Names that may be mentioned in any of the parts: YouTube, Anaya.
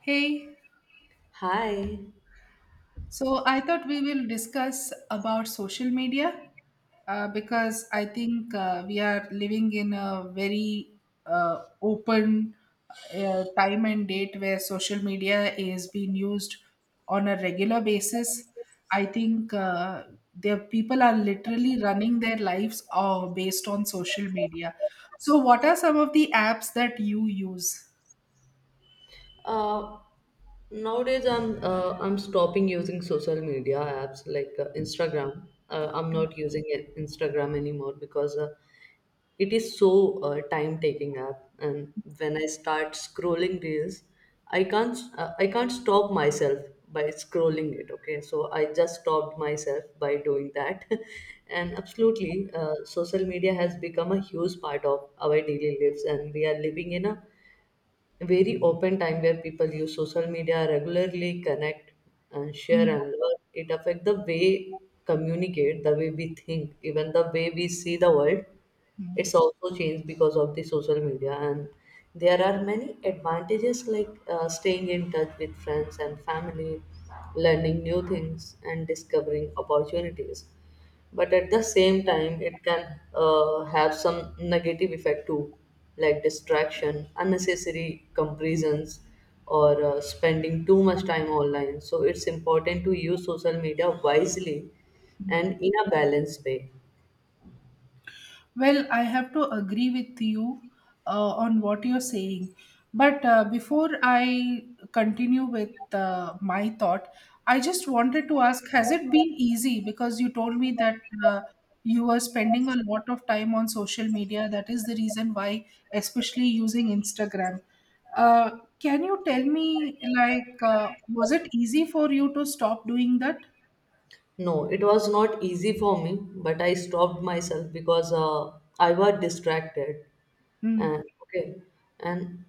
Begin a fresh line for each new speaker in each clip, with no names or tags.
Hey,
Hi.
so I thought we will discuss about social media because I think we are living in a very open time and date where social media is being used on a regular basis. I think the people are literally running their lives based on social media. So, what are some of the apps that you use?
Uh, Nowadays, I'm stopping using social media apps like Instagram. I'm not using Instagram anymore because it is so time-taking app. And when I start scrolling reels, I can't stop myself by scrolling it. Okay, so I just stopped myself by doing that. And absolutely, social media has become a huge part of our daily lives, and we are living in a very open time where people use social media regularly connect and share and learn. It affects the way communicate, the way we think, even the way we see the world.
Mm.
It's also changed because of the social media, and there are many advantages like staying in touch with friends and family, learning new things, and discovering opportunities. But at the same time, it can have some negative effect too, like distraction, unnecessary comparisons, or spending too much time online. So it's important to use social media wisely and in a balanced way.
Well, I have to agree with you on what you're saying. But before I continue with my thought, I just wanted to ask, has it been easy? Because you told me that uh, you were spending a lot of time on social media. That is the reason why, especially using Instagram. Uh, can you tell me, like, was it easy for you to stop doing that?
No, it was not easy for me, but I stopped myself because I was distracted.
Mm,
And okay, and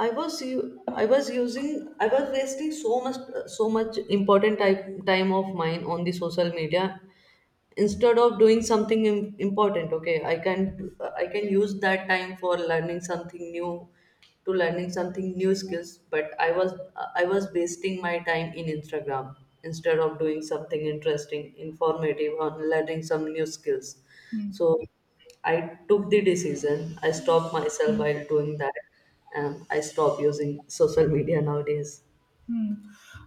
I was using. I was wasting so much important time of mine on the social media instead of doing something important. Okay, I can I can use that time for learning something new to learning something new skills, but i was wasting my time in instagram instead of doing something interesting, informative, or learning some new skills.
mm,
So I took the decision, I stopped myself while
mm.
doing that, and I stopped using social media nowadays.
Hmm.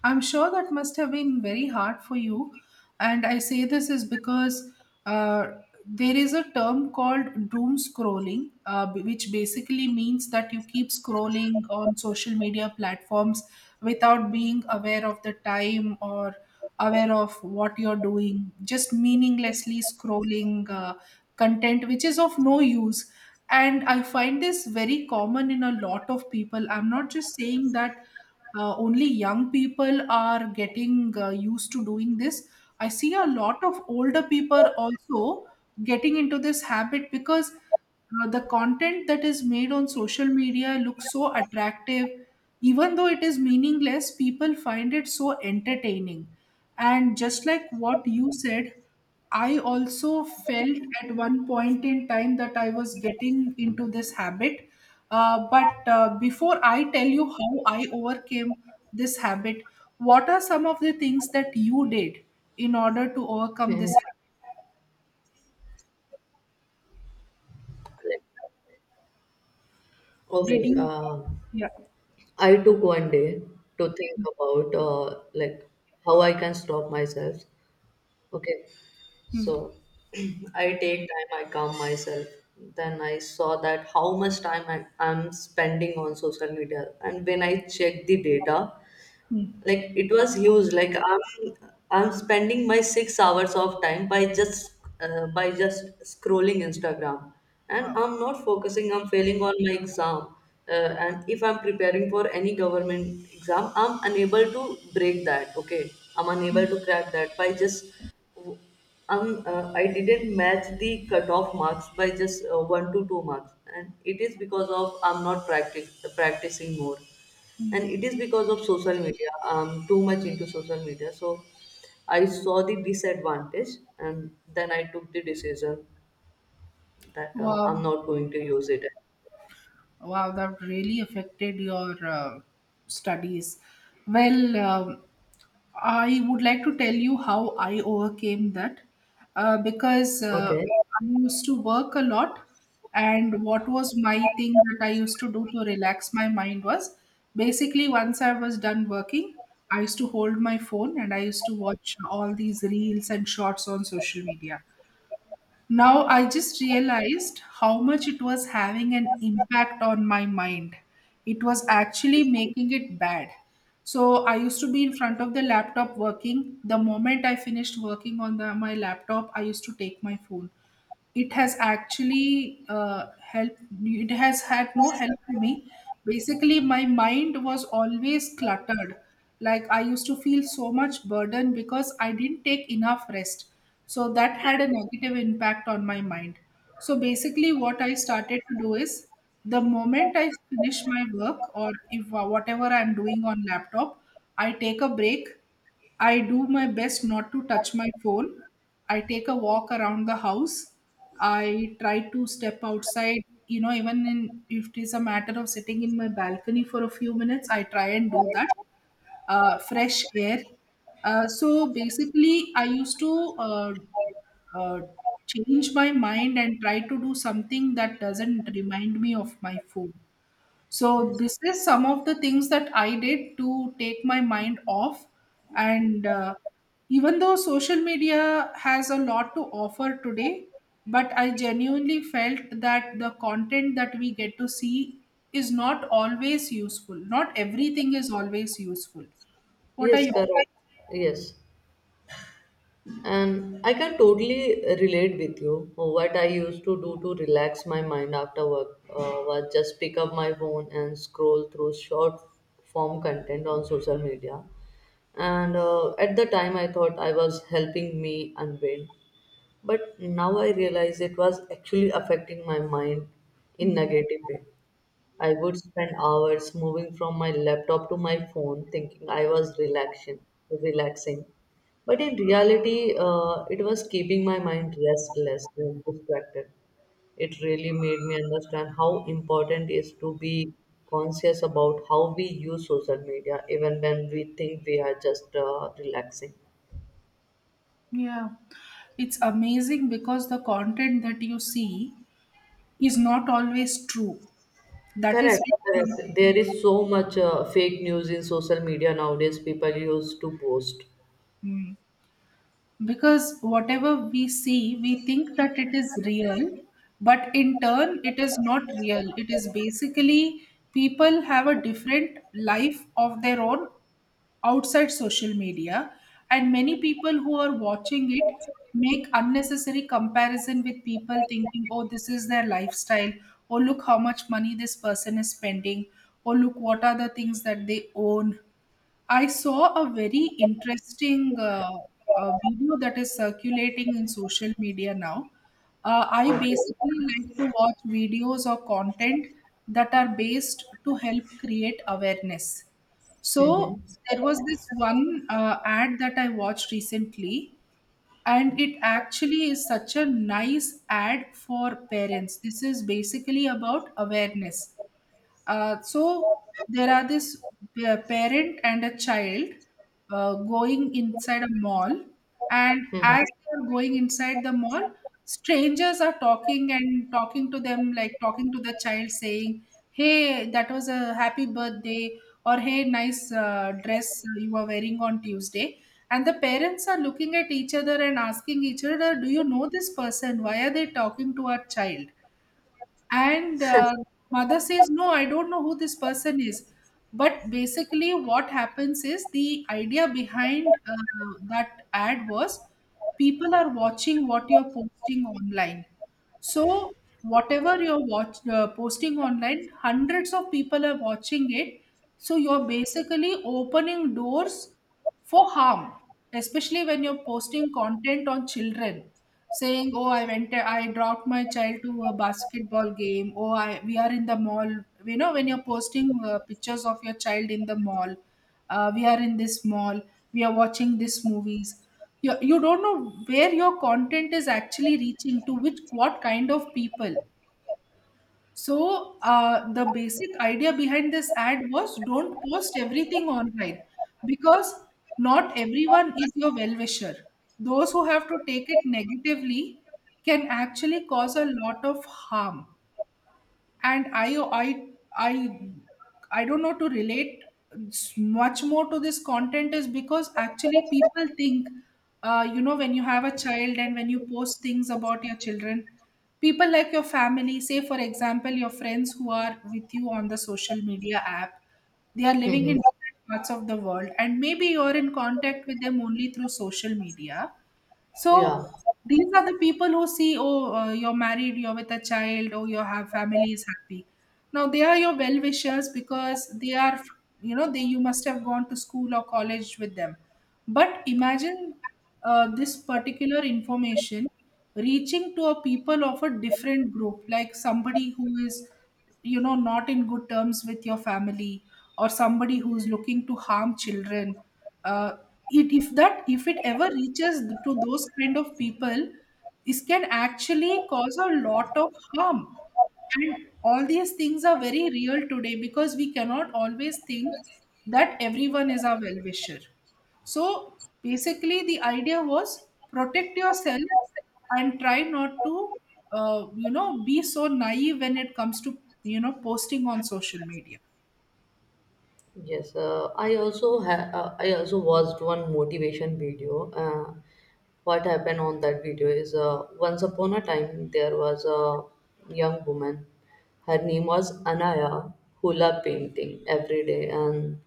I'm sure that must have been very hard for you. And I say this is because uh, there is a term called doom scrolling, which basically means that you keep scrolling on social media platforms without being aware of the time or aware of what you're doing, just meaninglessly scrolling content which is of no use. And I find this very common in a lot of people. I'm not just saying that only young people are getting used to doing this. I see a lot of older people also getting into this habit because the content that is made on social media looks so attractive. Even though it is meaningless, people find it so entertaining. And just like what you said, I also felt at one point in time that I was getting into this habit. But before I tell you how I overcame this habit, what are some of the things that you did in order to overcome
Mhm.
this habit?
Okay,
Did you? Yeah.
I took one day to think about like how I can stop myself. Okay,
Hmm.
so I take time, I calm myself. Then I saw that how much time I'm spending on social media, and when I check the data,
Hmm.
like it was huge. Like i'm spending my 6 hours of time by just scrolling instagram, and
Wow.
I'm not focusing, I'm failing on my exam, and if I'm preparing for any government exam, I'm unable to break that. Okay, I'm unable to crack that by just I didn't match the cutoff marks by just one to two marks, and it is because of I'm not practice practicing more. And
Hmm.
it is because of social media, I'm too much into social media. So I saw the disadvantage, and then I took the decision that
Wow.
I'm not going to use it.
Wow, that really affected your studies. Well, um, I would like to tell you how I overcame that because
Okay.
I used to work a lot. And what was my thing that I used to do to relax my mind was basically once I was done working, I used to hold my phone and I used to watch all these reels and shorts on social media. Now I just realized how much it was having an impact on my mind. It was actually making it bad. So I used to be in front of the laptop working. The moment I finished working on the, my laptop, I used to take my phone. It has actually helped, it has had no help to me. Basically my mind was always cluttered, like I used to feel so much burden because I didn't take enough rest, so that had a negative impact on my mind. So basically what I started to do is the moment I finish my work, or if whatever I'm doing on laptop, I take a break. I do my best not to touch my phone. I take a walk around the house. I try to step outside, you know, even in, if it is a matter of sitting in my balcony for a few minutes, I try and do that. Fresh air. So basically, I used to uh, change my mind and try to do something that doesn't remind me of my phone. So this is some of the things that I did to take my mind off. And even though social media has a lot to offer today, but I genuinely felt that the content that we get to see is not always useful. Not everything is always useful. What are
Yes,
your
correct. Yes, and I can totally relate with you. What I used to do to relax my mind after work was just pick up my phone and scroll through short form content on social media. And at the time I thought I was helping me unwind. But now I realize it was actually affecting my mind in
Mm,
negative way. I would spend hours moving from my laptop to my phone thinking I was relaxing. But in reality, it was keeping my mind restless and distracted. It really made me understand how important it is to be conscious about how we use social media, even when we think we are just relaxing.
yeah, it's amazing because the content that you see is not always true. That is
Correct,
why-
correct. There is so much fake news in social media nowadays. People used to post.
Mm. Because whatever we see, we think that it is real, but in turn it is not real. It is basically, people have a different life of their own outside social media, and many people who are watching it make unnecessary comparison with people thinking, oh, this is their lifestyle, oh, look how much money this person is spending, oh, look what are the things that they own. I saw a very interesting video that is circulating in social media now. I
Okay.
basically like to watch videos or content that are based to help create awareness. So
Mm-hmm.
there was this one ad that I watched recently, and it actually is such a nice ad for parents. This is basically about awareness. So there are this parent and a child going inside a mall, and
Mm-hmm.
as they are going inside the mall, strangers are talking and talking to them, like talking to the child, saying, "Hey, that was a happy birthday," or "Hey, nice dress you are wearing on Tuesday." And the parents are looking at each other and asking each other, "Do you know this person? Why are they talking to our child?" and Mother says, no, I don't know who this person is. But basically what happens is the idea behind that ad was people are watching what you're posting online. So whatever you're posting online, hundreds of people are watching it. So you're basically opening doors for harm, especially when you're posting content on children, saying, "Oh, I went, I dropped my child to a basketball game. Oh, I we are in the mall. You know, when you're posting pictures of your child in the mall, we are in this mall. We are watching these movies. You don't know where your content is actually reaching to which what kind of people." So the basic idea behind this ad was don't post everything online, because not everyone is your well-wisher. Those who have to take it negatively can actually cause a lot of harm. And i i i i don't know, to relate much more to this content is because actually people think, you know, when you have a child and when you post things about your children, people like your family, say for example your friends who are with you on the social media app, they are living
Mm-hmm.
in different parts of the world, and maybe you're in contact with them only through social media.
Yeah.
So these are the people who see, oh, you're married, you're with a child, or your have family is happy. Now they are your well wishers because they are, you know, they you must have gone to school or college with them. But imagine this particular information reaching to a people of a different group, like somebody who is, you know, not in good terms with your family, or somebody who's looking to harm children. uh, it, if that, if it ever reaches to those kind of people, this can actually cause a lot of harm. And all these things are very real today because we cannot always think that everyone is our well wisher. So basically, the idea was protect yourself and try not to, you know, be so naive when it comes to, you know, posting on social media.
Yes, I also watched one motivation video. What happened on that video is once upon a time there was a young woman. Her name was Anaya, who loved painting every day, and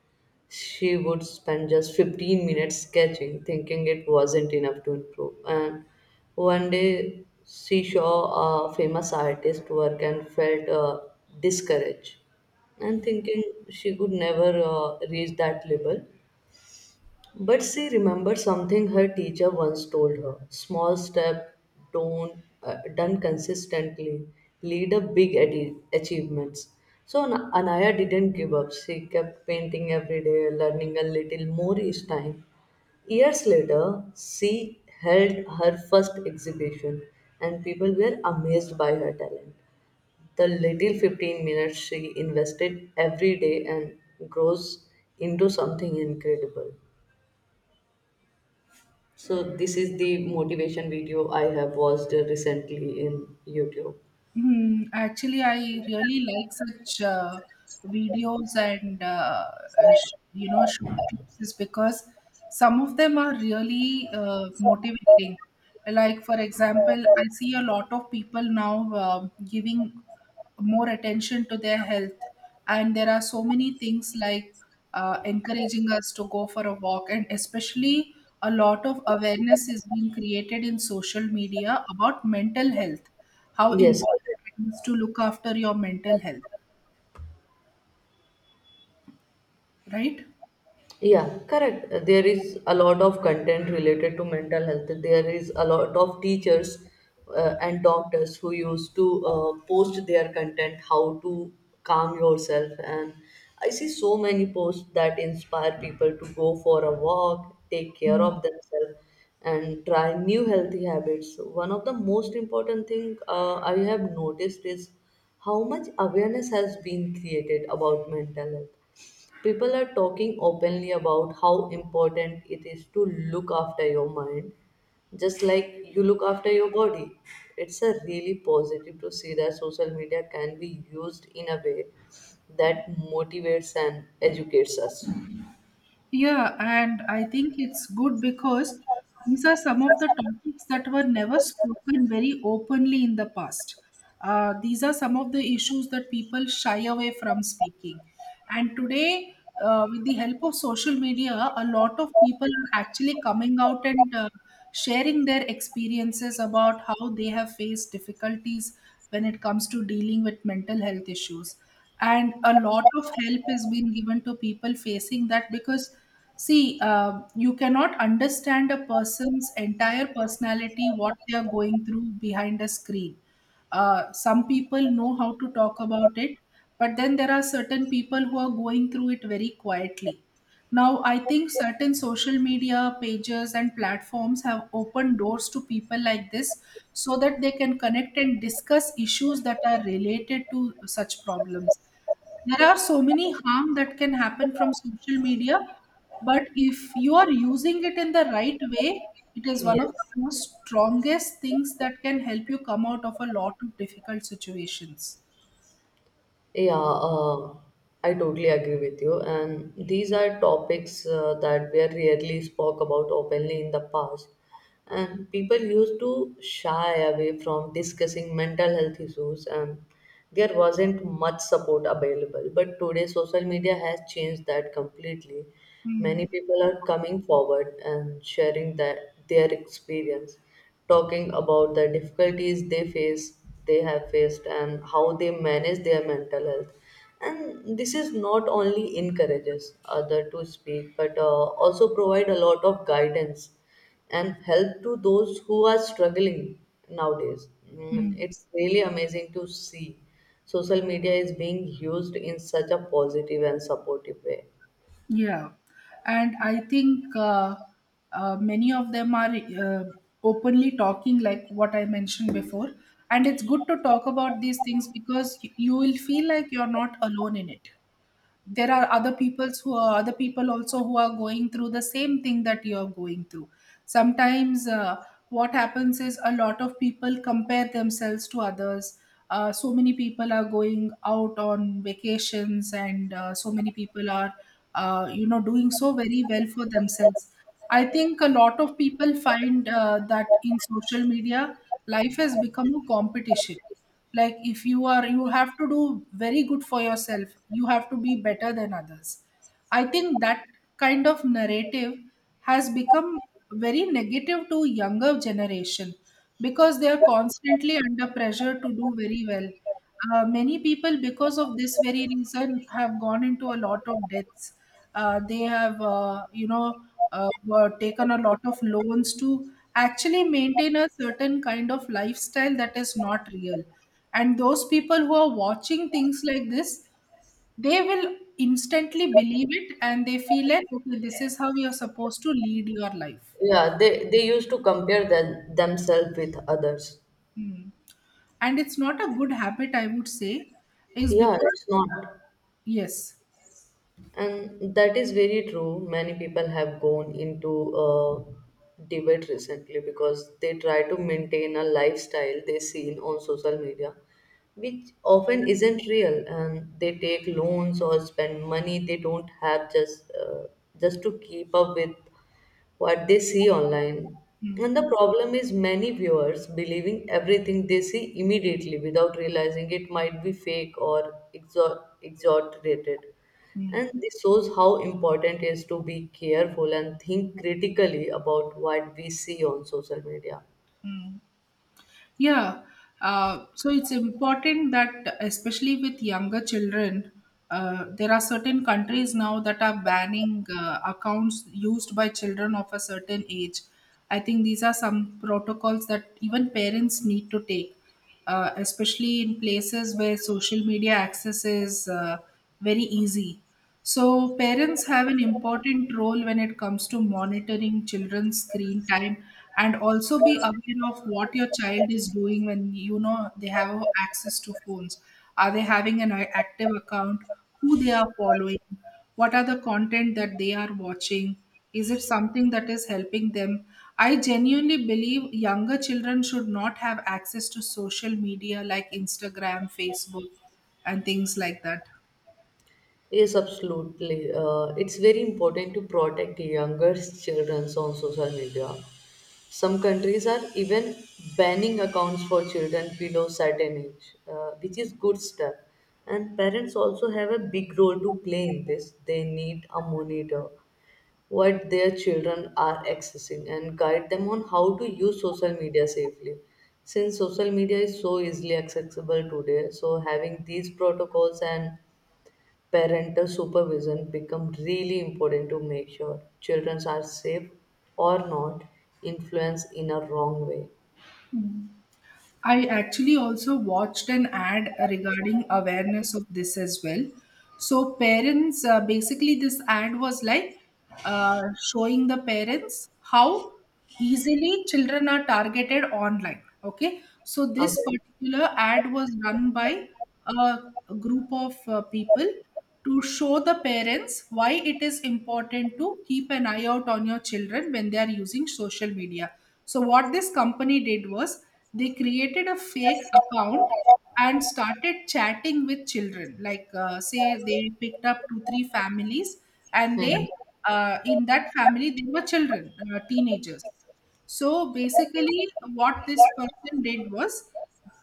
she would spend just 15 minutes sketching, thinking it wasn't enough to improve. And one day she saw a famous artist work and felt discouraged and thinking she could never reach that level. But she remembered something her teacher once told her: small step, don't, done consistently, lead a big achievements. So Anaya didn't give up. She kept painting every day, learning a little more each time. Years later, she held her first exhibition, and people were amazed by her talent. The little 15 minutes she invested every day and grows into something incredible. So, this is the motivation video I have watched recently in YouTube.
Hmm, actually, I really like such videos and you know, short clips is because some of them are really motivating. Like for example, I see a lot of people now giving more attention to their health, and there are so many things like encouraging us to go for a walk, and especially a lot of awareness is being created in social media about mental health, how
Yes.
important it is to look after your mental health, right?
Yeah, correct. There is a lot of content related to mental health. There is a lot of teachers and doctors who used to post their content, how to calm yourself. And I see so many posts that inspire people to go for a walk, take care of themselves, and try new healthy habits. So, one of the most important thing I have noticed is how much awareness has been created about mental health. People are talking openly about how important it is to look after your mind, just like you look after your body. It's a really positive to see that social media can be used in a way that motivates and educates us.
Yeah, and I think it's good because these are some of the topics that were never spoken very openly in the past. These are some of the issues that people shy away from speaking. And today, with the help of social media, a lot of people are actually coming out and sharing their experiences about how they have faced difficulties when it comes to dealing with mental health issues. And a lot of help is being given to people facing that because, see, you cannot understand a person's entire personality, what they are going through behind a screen. Some people know how to talk about it, but then there are certain people who are going through it very quietly. Now, I think certain social media pages and platforms have opened doors to people like this so that they can connect and discuss issues that are related to such problems. There are so many harm that can happen from social media, but if you are using it in the right way, it is one of the
Yes.
most strongest things that can help you come out of a lot of difficult situations.
Yeah, I totally agree with you. And these are topics that were rarely spoke about openly in the past. And people used to shy away from discussing mental health issues, and there wasn't much support available. But today, social media has changed that completely. Many
Hmm.
people are coming forward and sharing that, their experience, talking about the difficulties they have faced and how they manage their mental health. And this is not only encourages other to speak, but also provide a lot of guidance and help to those who are struggling nowadays. Mm,
Mm,
it's really amazing to see social media is being used in such a positive and supportive way.
yeah, and I think many of them are openly talking, like what I mentioned before. And it's good to talk about these things because you will feel like you're not alone in it. There are other people also who are going through the same thing that you're going through. Sometimes, what happens is a lot of people compare themselves to others. So many people are going out on vacations, and so many people are doing so very well for themselves. I think a lot of people find, that in social media life has become a competition. Like, if you have to do very good for yourself, you have to be better than others. I think that kind of narrative has become very negative to younger generation because they are constantly under pressure to do very well. Many people, because of this very reason, have gone into a lot of debts. They have, you know, Were taken a lot of loans to actually maintain a certain kind of lifestyle that is not real. And those people who are watching things like this, they will instantly believe it and they feel like, okay, this is how you're supposed to lead your life.
Yeah, they used to compare themselves with others.
Hmm. And it's not a good habit, I would say, is
Yeah,
because
it's not.
yes.
And that is very true. Many people have gone into debate recently because they try to maintain a lifestyle they seen on social media, which often isn't real. And they take loans or spend money they don't have just to keep up with what they see online.
Hmm,
And the problem is many viewers believing everything they see immediately without realizing it might be fake or exaggerated.
hmm,
And this shows how important it is to be careful and think critically about what we see on social media.
hmm. Yeah, so it's important, that especially with younger children. There are certain countries now that are banning accounts used by children of a certain age. I think these are some protocols that even parents need to take, especially in places where social media access is, very easy. So, parents have an important role when it comes to monitoring children's screen time, and also be aware of what your child is doing when you know they have access to phones. Are they having an active account? Who they are following? What are the content that they are watching? Is it something that is helping them? I genuinely believe younger children should not have access to social media like Instagram, Facebook, and things like that.
Yes, absolutely. It's very important to protect younger children on social media. Some countries are even banning accounts for children below certain age, which is good step. And parents also have a big role to play in this. They need a monitor what their children are accessing and guide them on how to use social media safely. Since social media is so easily accessible today, so having these protocols and parental supervision becomes really important to make sure children are safe or not influenced in a wrong way.
I actually also watched an ad regarding awareness of this as well. So, parents, basically, this ad was like, uh, showing the parents how easily children are targeted online. Okay, so this
Okay.
particular ad was run by a a group of people to show the parents why it is important to keep an eye out on your children when they are using social media. So what this company did was they created a fake account and started chatting with children. Like, say they picked up two three families, and
Hmm.
they, in that family they were children, teenagers. So basically, what this person did was,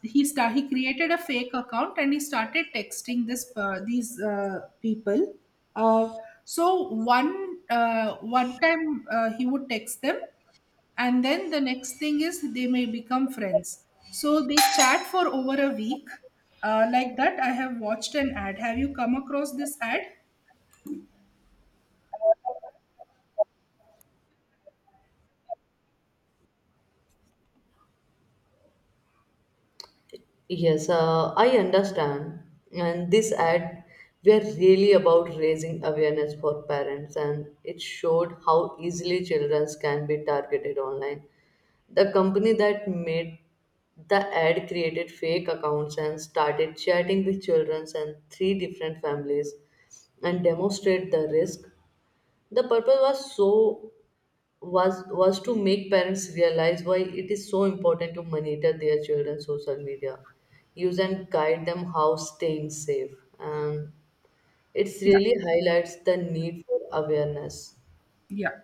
he created a fake account and he started texting this per these people. Uh, so one time, he would text them, and then the next thing is they may become friends. So they chat for over a week. Like that, I have watched an ad. Have you come across this ad?
Yes, I understand. And this ad, we are really about raising awareness for parents, and it showed how easily children can be targeted online. The company that made the ad created fake accounts and started chatting with children and three different families and demonstrate the risk. The purpose was so was to make parents realize why it is so important to monitor their children's social media use and guide them how staying safe. And it
Yeah.
really highlights the need for awareness.
Yeah.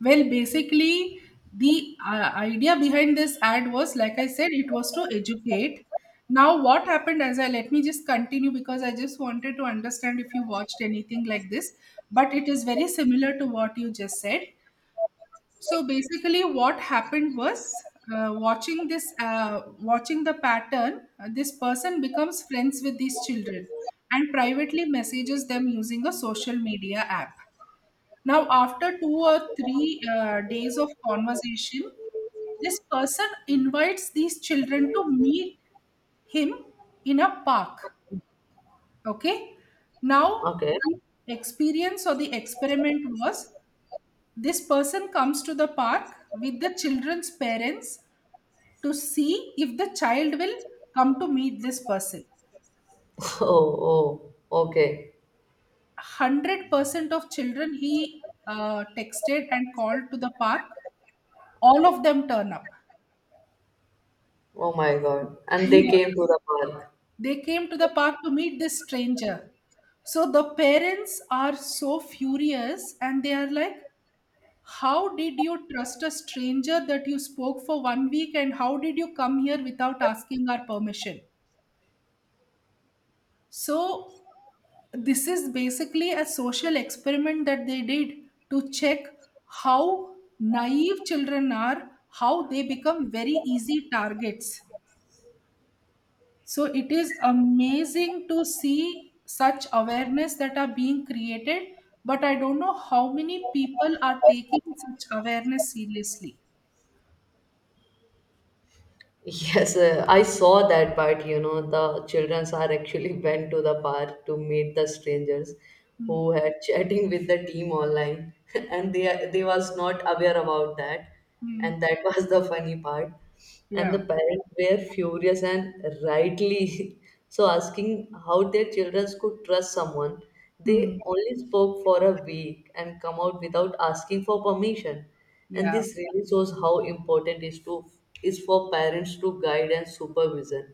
Well, basically, the, idea behind this ad was, like I said, it was to educate. Now, what happened as I let me just continue because I just wanted to understand if you watched anything like this, but it is very similar to what you just said. So basically, what happened was, watching the pattern, this person becomes friends with these children and privately messages them using a social media app. Now, after 2 or 3 days of conversation, this person invites these children to meet him in a park. Okay. Now,
Okay.
the experience or the experiment was, this person comes to the park with the children's parents to see if the child will come to meet this person.
Oh, oh, okay.
100% of children he texted and called to the park, all of them turn up.
Oh my god, and they came to the park.
They came to the park to meet this stranger. So the parents are so furious and they are like, "How did you trust a stranger that you spoke for one week, and how did you come here without asking our permission?" So this is basically a social experiment that they did to check how naive children are, how they become very easy targets. So it is amazing to see such awareness that are being created, but I don't know how many people are taking such awareness seriously.
Yes, I saw that, but you know, the children are actually went to the park to meet the strangers who
Hmm.
had chatting with the team online, and they was not aware about that,
Hmm.
and that was the funny part. And the
Yeah.
parents were furious and rightly so asking how their children could trust someone
Hmm.
they only spoke for a week and come out without asking for permission. And
Yeah.
this really shows how important is to is for parents to guide and supervision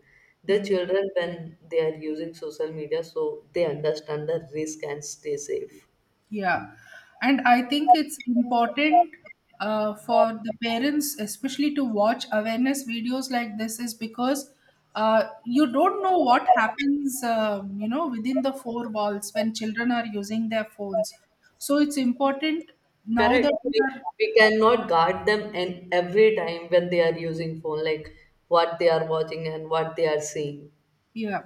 their
Hmm.
children when they are using social media, so they understand the risk and stay safe.
Yeah. And I think it's important for the parents, especially to watch awareness videos like this, is because you don't know what happens, within the four walls when children are using their phones. So it's important now
Correct,
that we are,
we cannot guard them and every time when they are using phone, like what they are watching and what they are seeing.
yeah.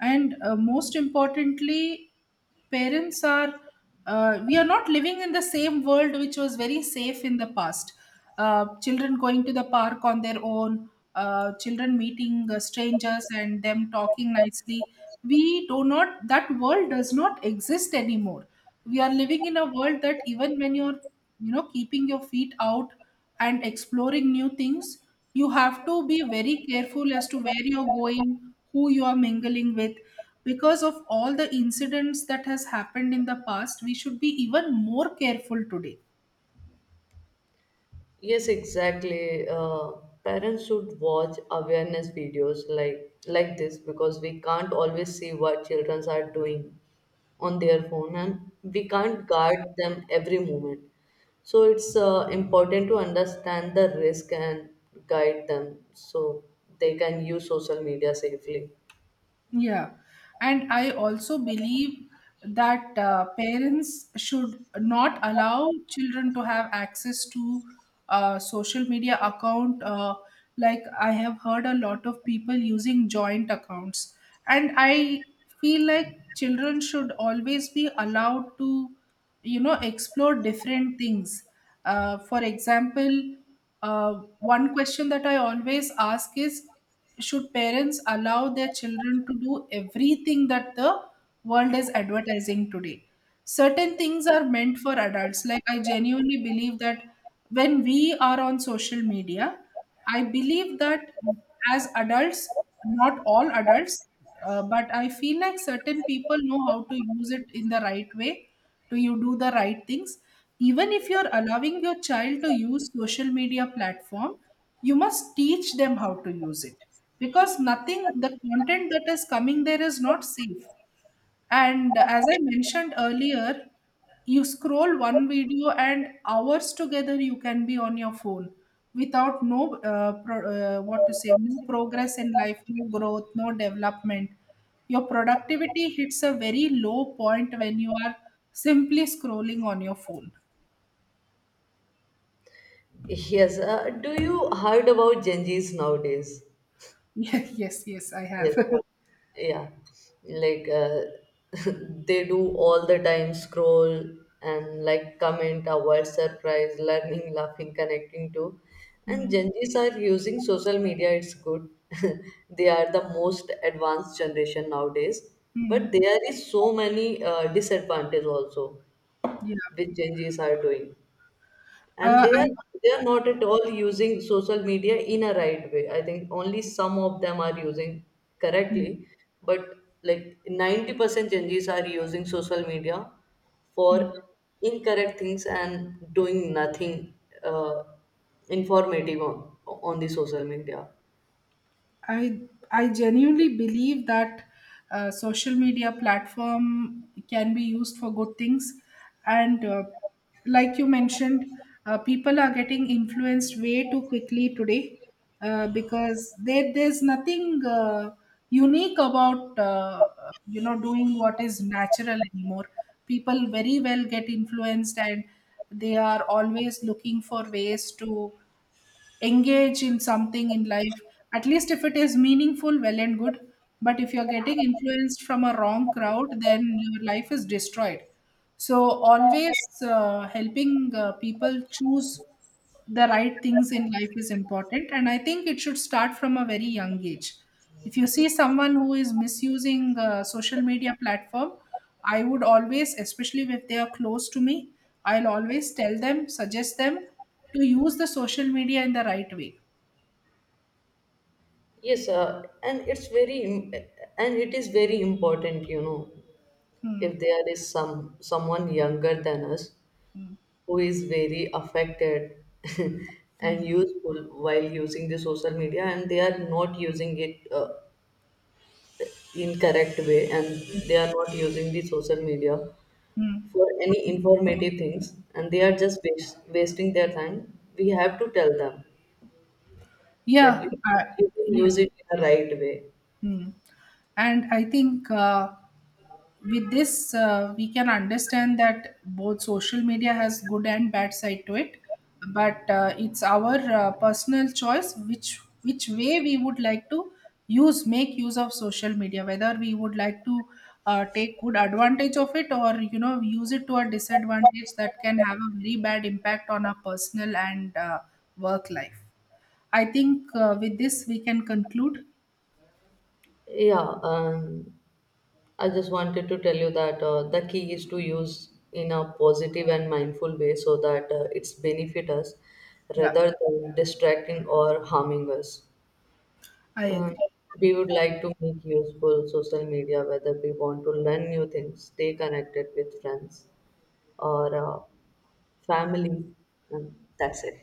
And most importantly, parents are we are not living in the same world which was very safe in the past. Children going to the park on their own, children meeting strangers and them talking nicely. We do not That world does not exist anymore. We are living in a world that even when you're keeping your feet out and exploring new things, you have to be very careful as to where you're going, who you are mingling with. Because of all the incidents that has happened in the past, we should be even more careful today.
Yes, exactly. Parents should watch awareness videos like this because we can't always see what children are doing on their phone and we can't guard them every moment. So it's important to understand the risk and guide them so they can use social media safely.
Yeah. And I also believe that parents should not allow children to have access to social media account. Like, I have heard a lot of people using joint accounts. And I feel like children should always be allowed to explore different things, for example, uh, one question that I always ask is, should parents allow their children to do everything that the world is advertising today? Certain things are meant for adults. Like, I genuinely believe that when we are on social media, I believe that as adults, not all adults, but I feel like certain people know how to use it in the right way, to you do the right things. Even if you're allowing your child to use social media platform, you must teach them how to use it because nothing, the content that is coming there is not safe. And as I mentioned earlier, you scroll one video and hours together you can be on your phone without no what to say no progress in life, no growth, no development. Your productivity hits a very low point when you are simply scrolling on your phone.
Yes. Do you heard about Gen Zs nowadays?
Yeah, yes, yes, I
Yes.
have.
Yeah, like they do all the time scroll and like comment avoid surprise learning, laughing, connecting to. And
Mm,
gen z's are using social media, it's good. They are the most advanced generation nowadays, but
mm,
there is so many disadvantage also
yeah.
which gen z's are doing. And
Uh, I,
they are not at all using social media in a right way. I think only some of them are using correctly,
mm,
but like 90% Zs are using social media
mm.
for incorrect things and doing nothing uh, informative on the social media.
I I genuinely believe that social media platform can be used for good things, and like you mentioned, people are getting influenced way too quickly today because there's nothing unique about, doing what is natural anymore. People very well get influenced, and they are always looking for ways to engage in something in life. At least if it is meaningful, well and good, but if you're getting influenced from a wrong crowd, then your life is destroyed. So always helping people choose the right things in life is important, and I think it should start from a very young age. If you see someone who is misusing social media platform, I would always, especially if they are close to me, I'll always tell them, suggest them to use the social media in the right way.
Yes, and it is very important, you know,
Hmm.
if there is some someone younger than us
Hmm.
who is very affected and
Hmm.
useful while using the social media, and they are not using it incorrect way, and they are not using the social media
Hmm.
for any informative things, and they are just wasting their time. We have to tell them that
Yeah, I
you can use
yes.
it in the right way.
Hmm. And I think with this we can understand that both social media has good and bad side to it. But it's our personal choice, which way we would like to use make use of social media, whether we would like to take good advantage of it, or use it to a disadvantage that can have a very bad impact on our personal and work life. I think with this we can conclude.
Yeah. I just wanted to tell you that the key is to use in a positive and mindful way so that it's benefit us
Yeah,
rather than distracting or harming us.
I
Um,
agree.
we would like to make useful social media whether we want to learn new things, stay connected with friends or family, and that's it.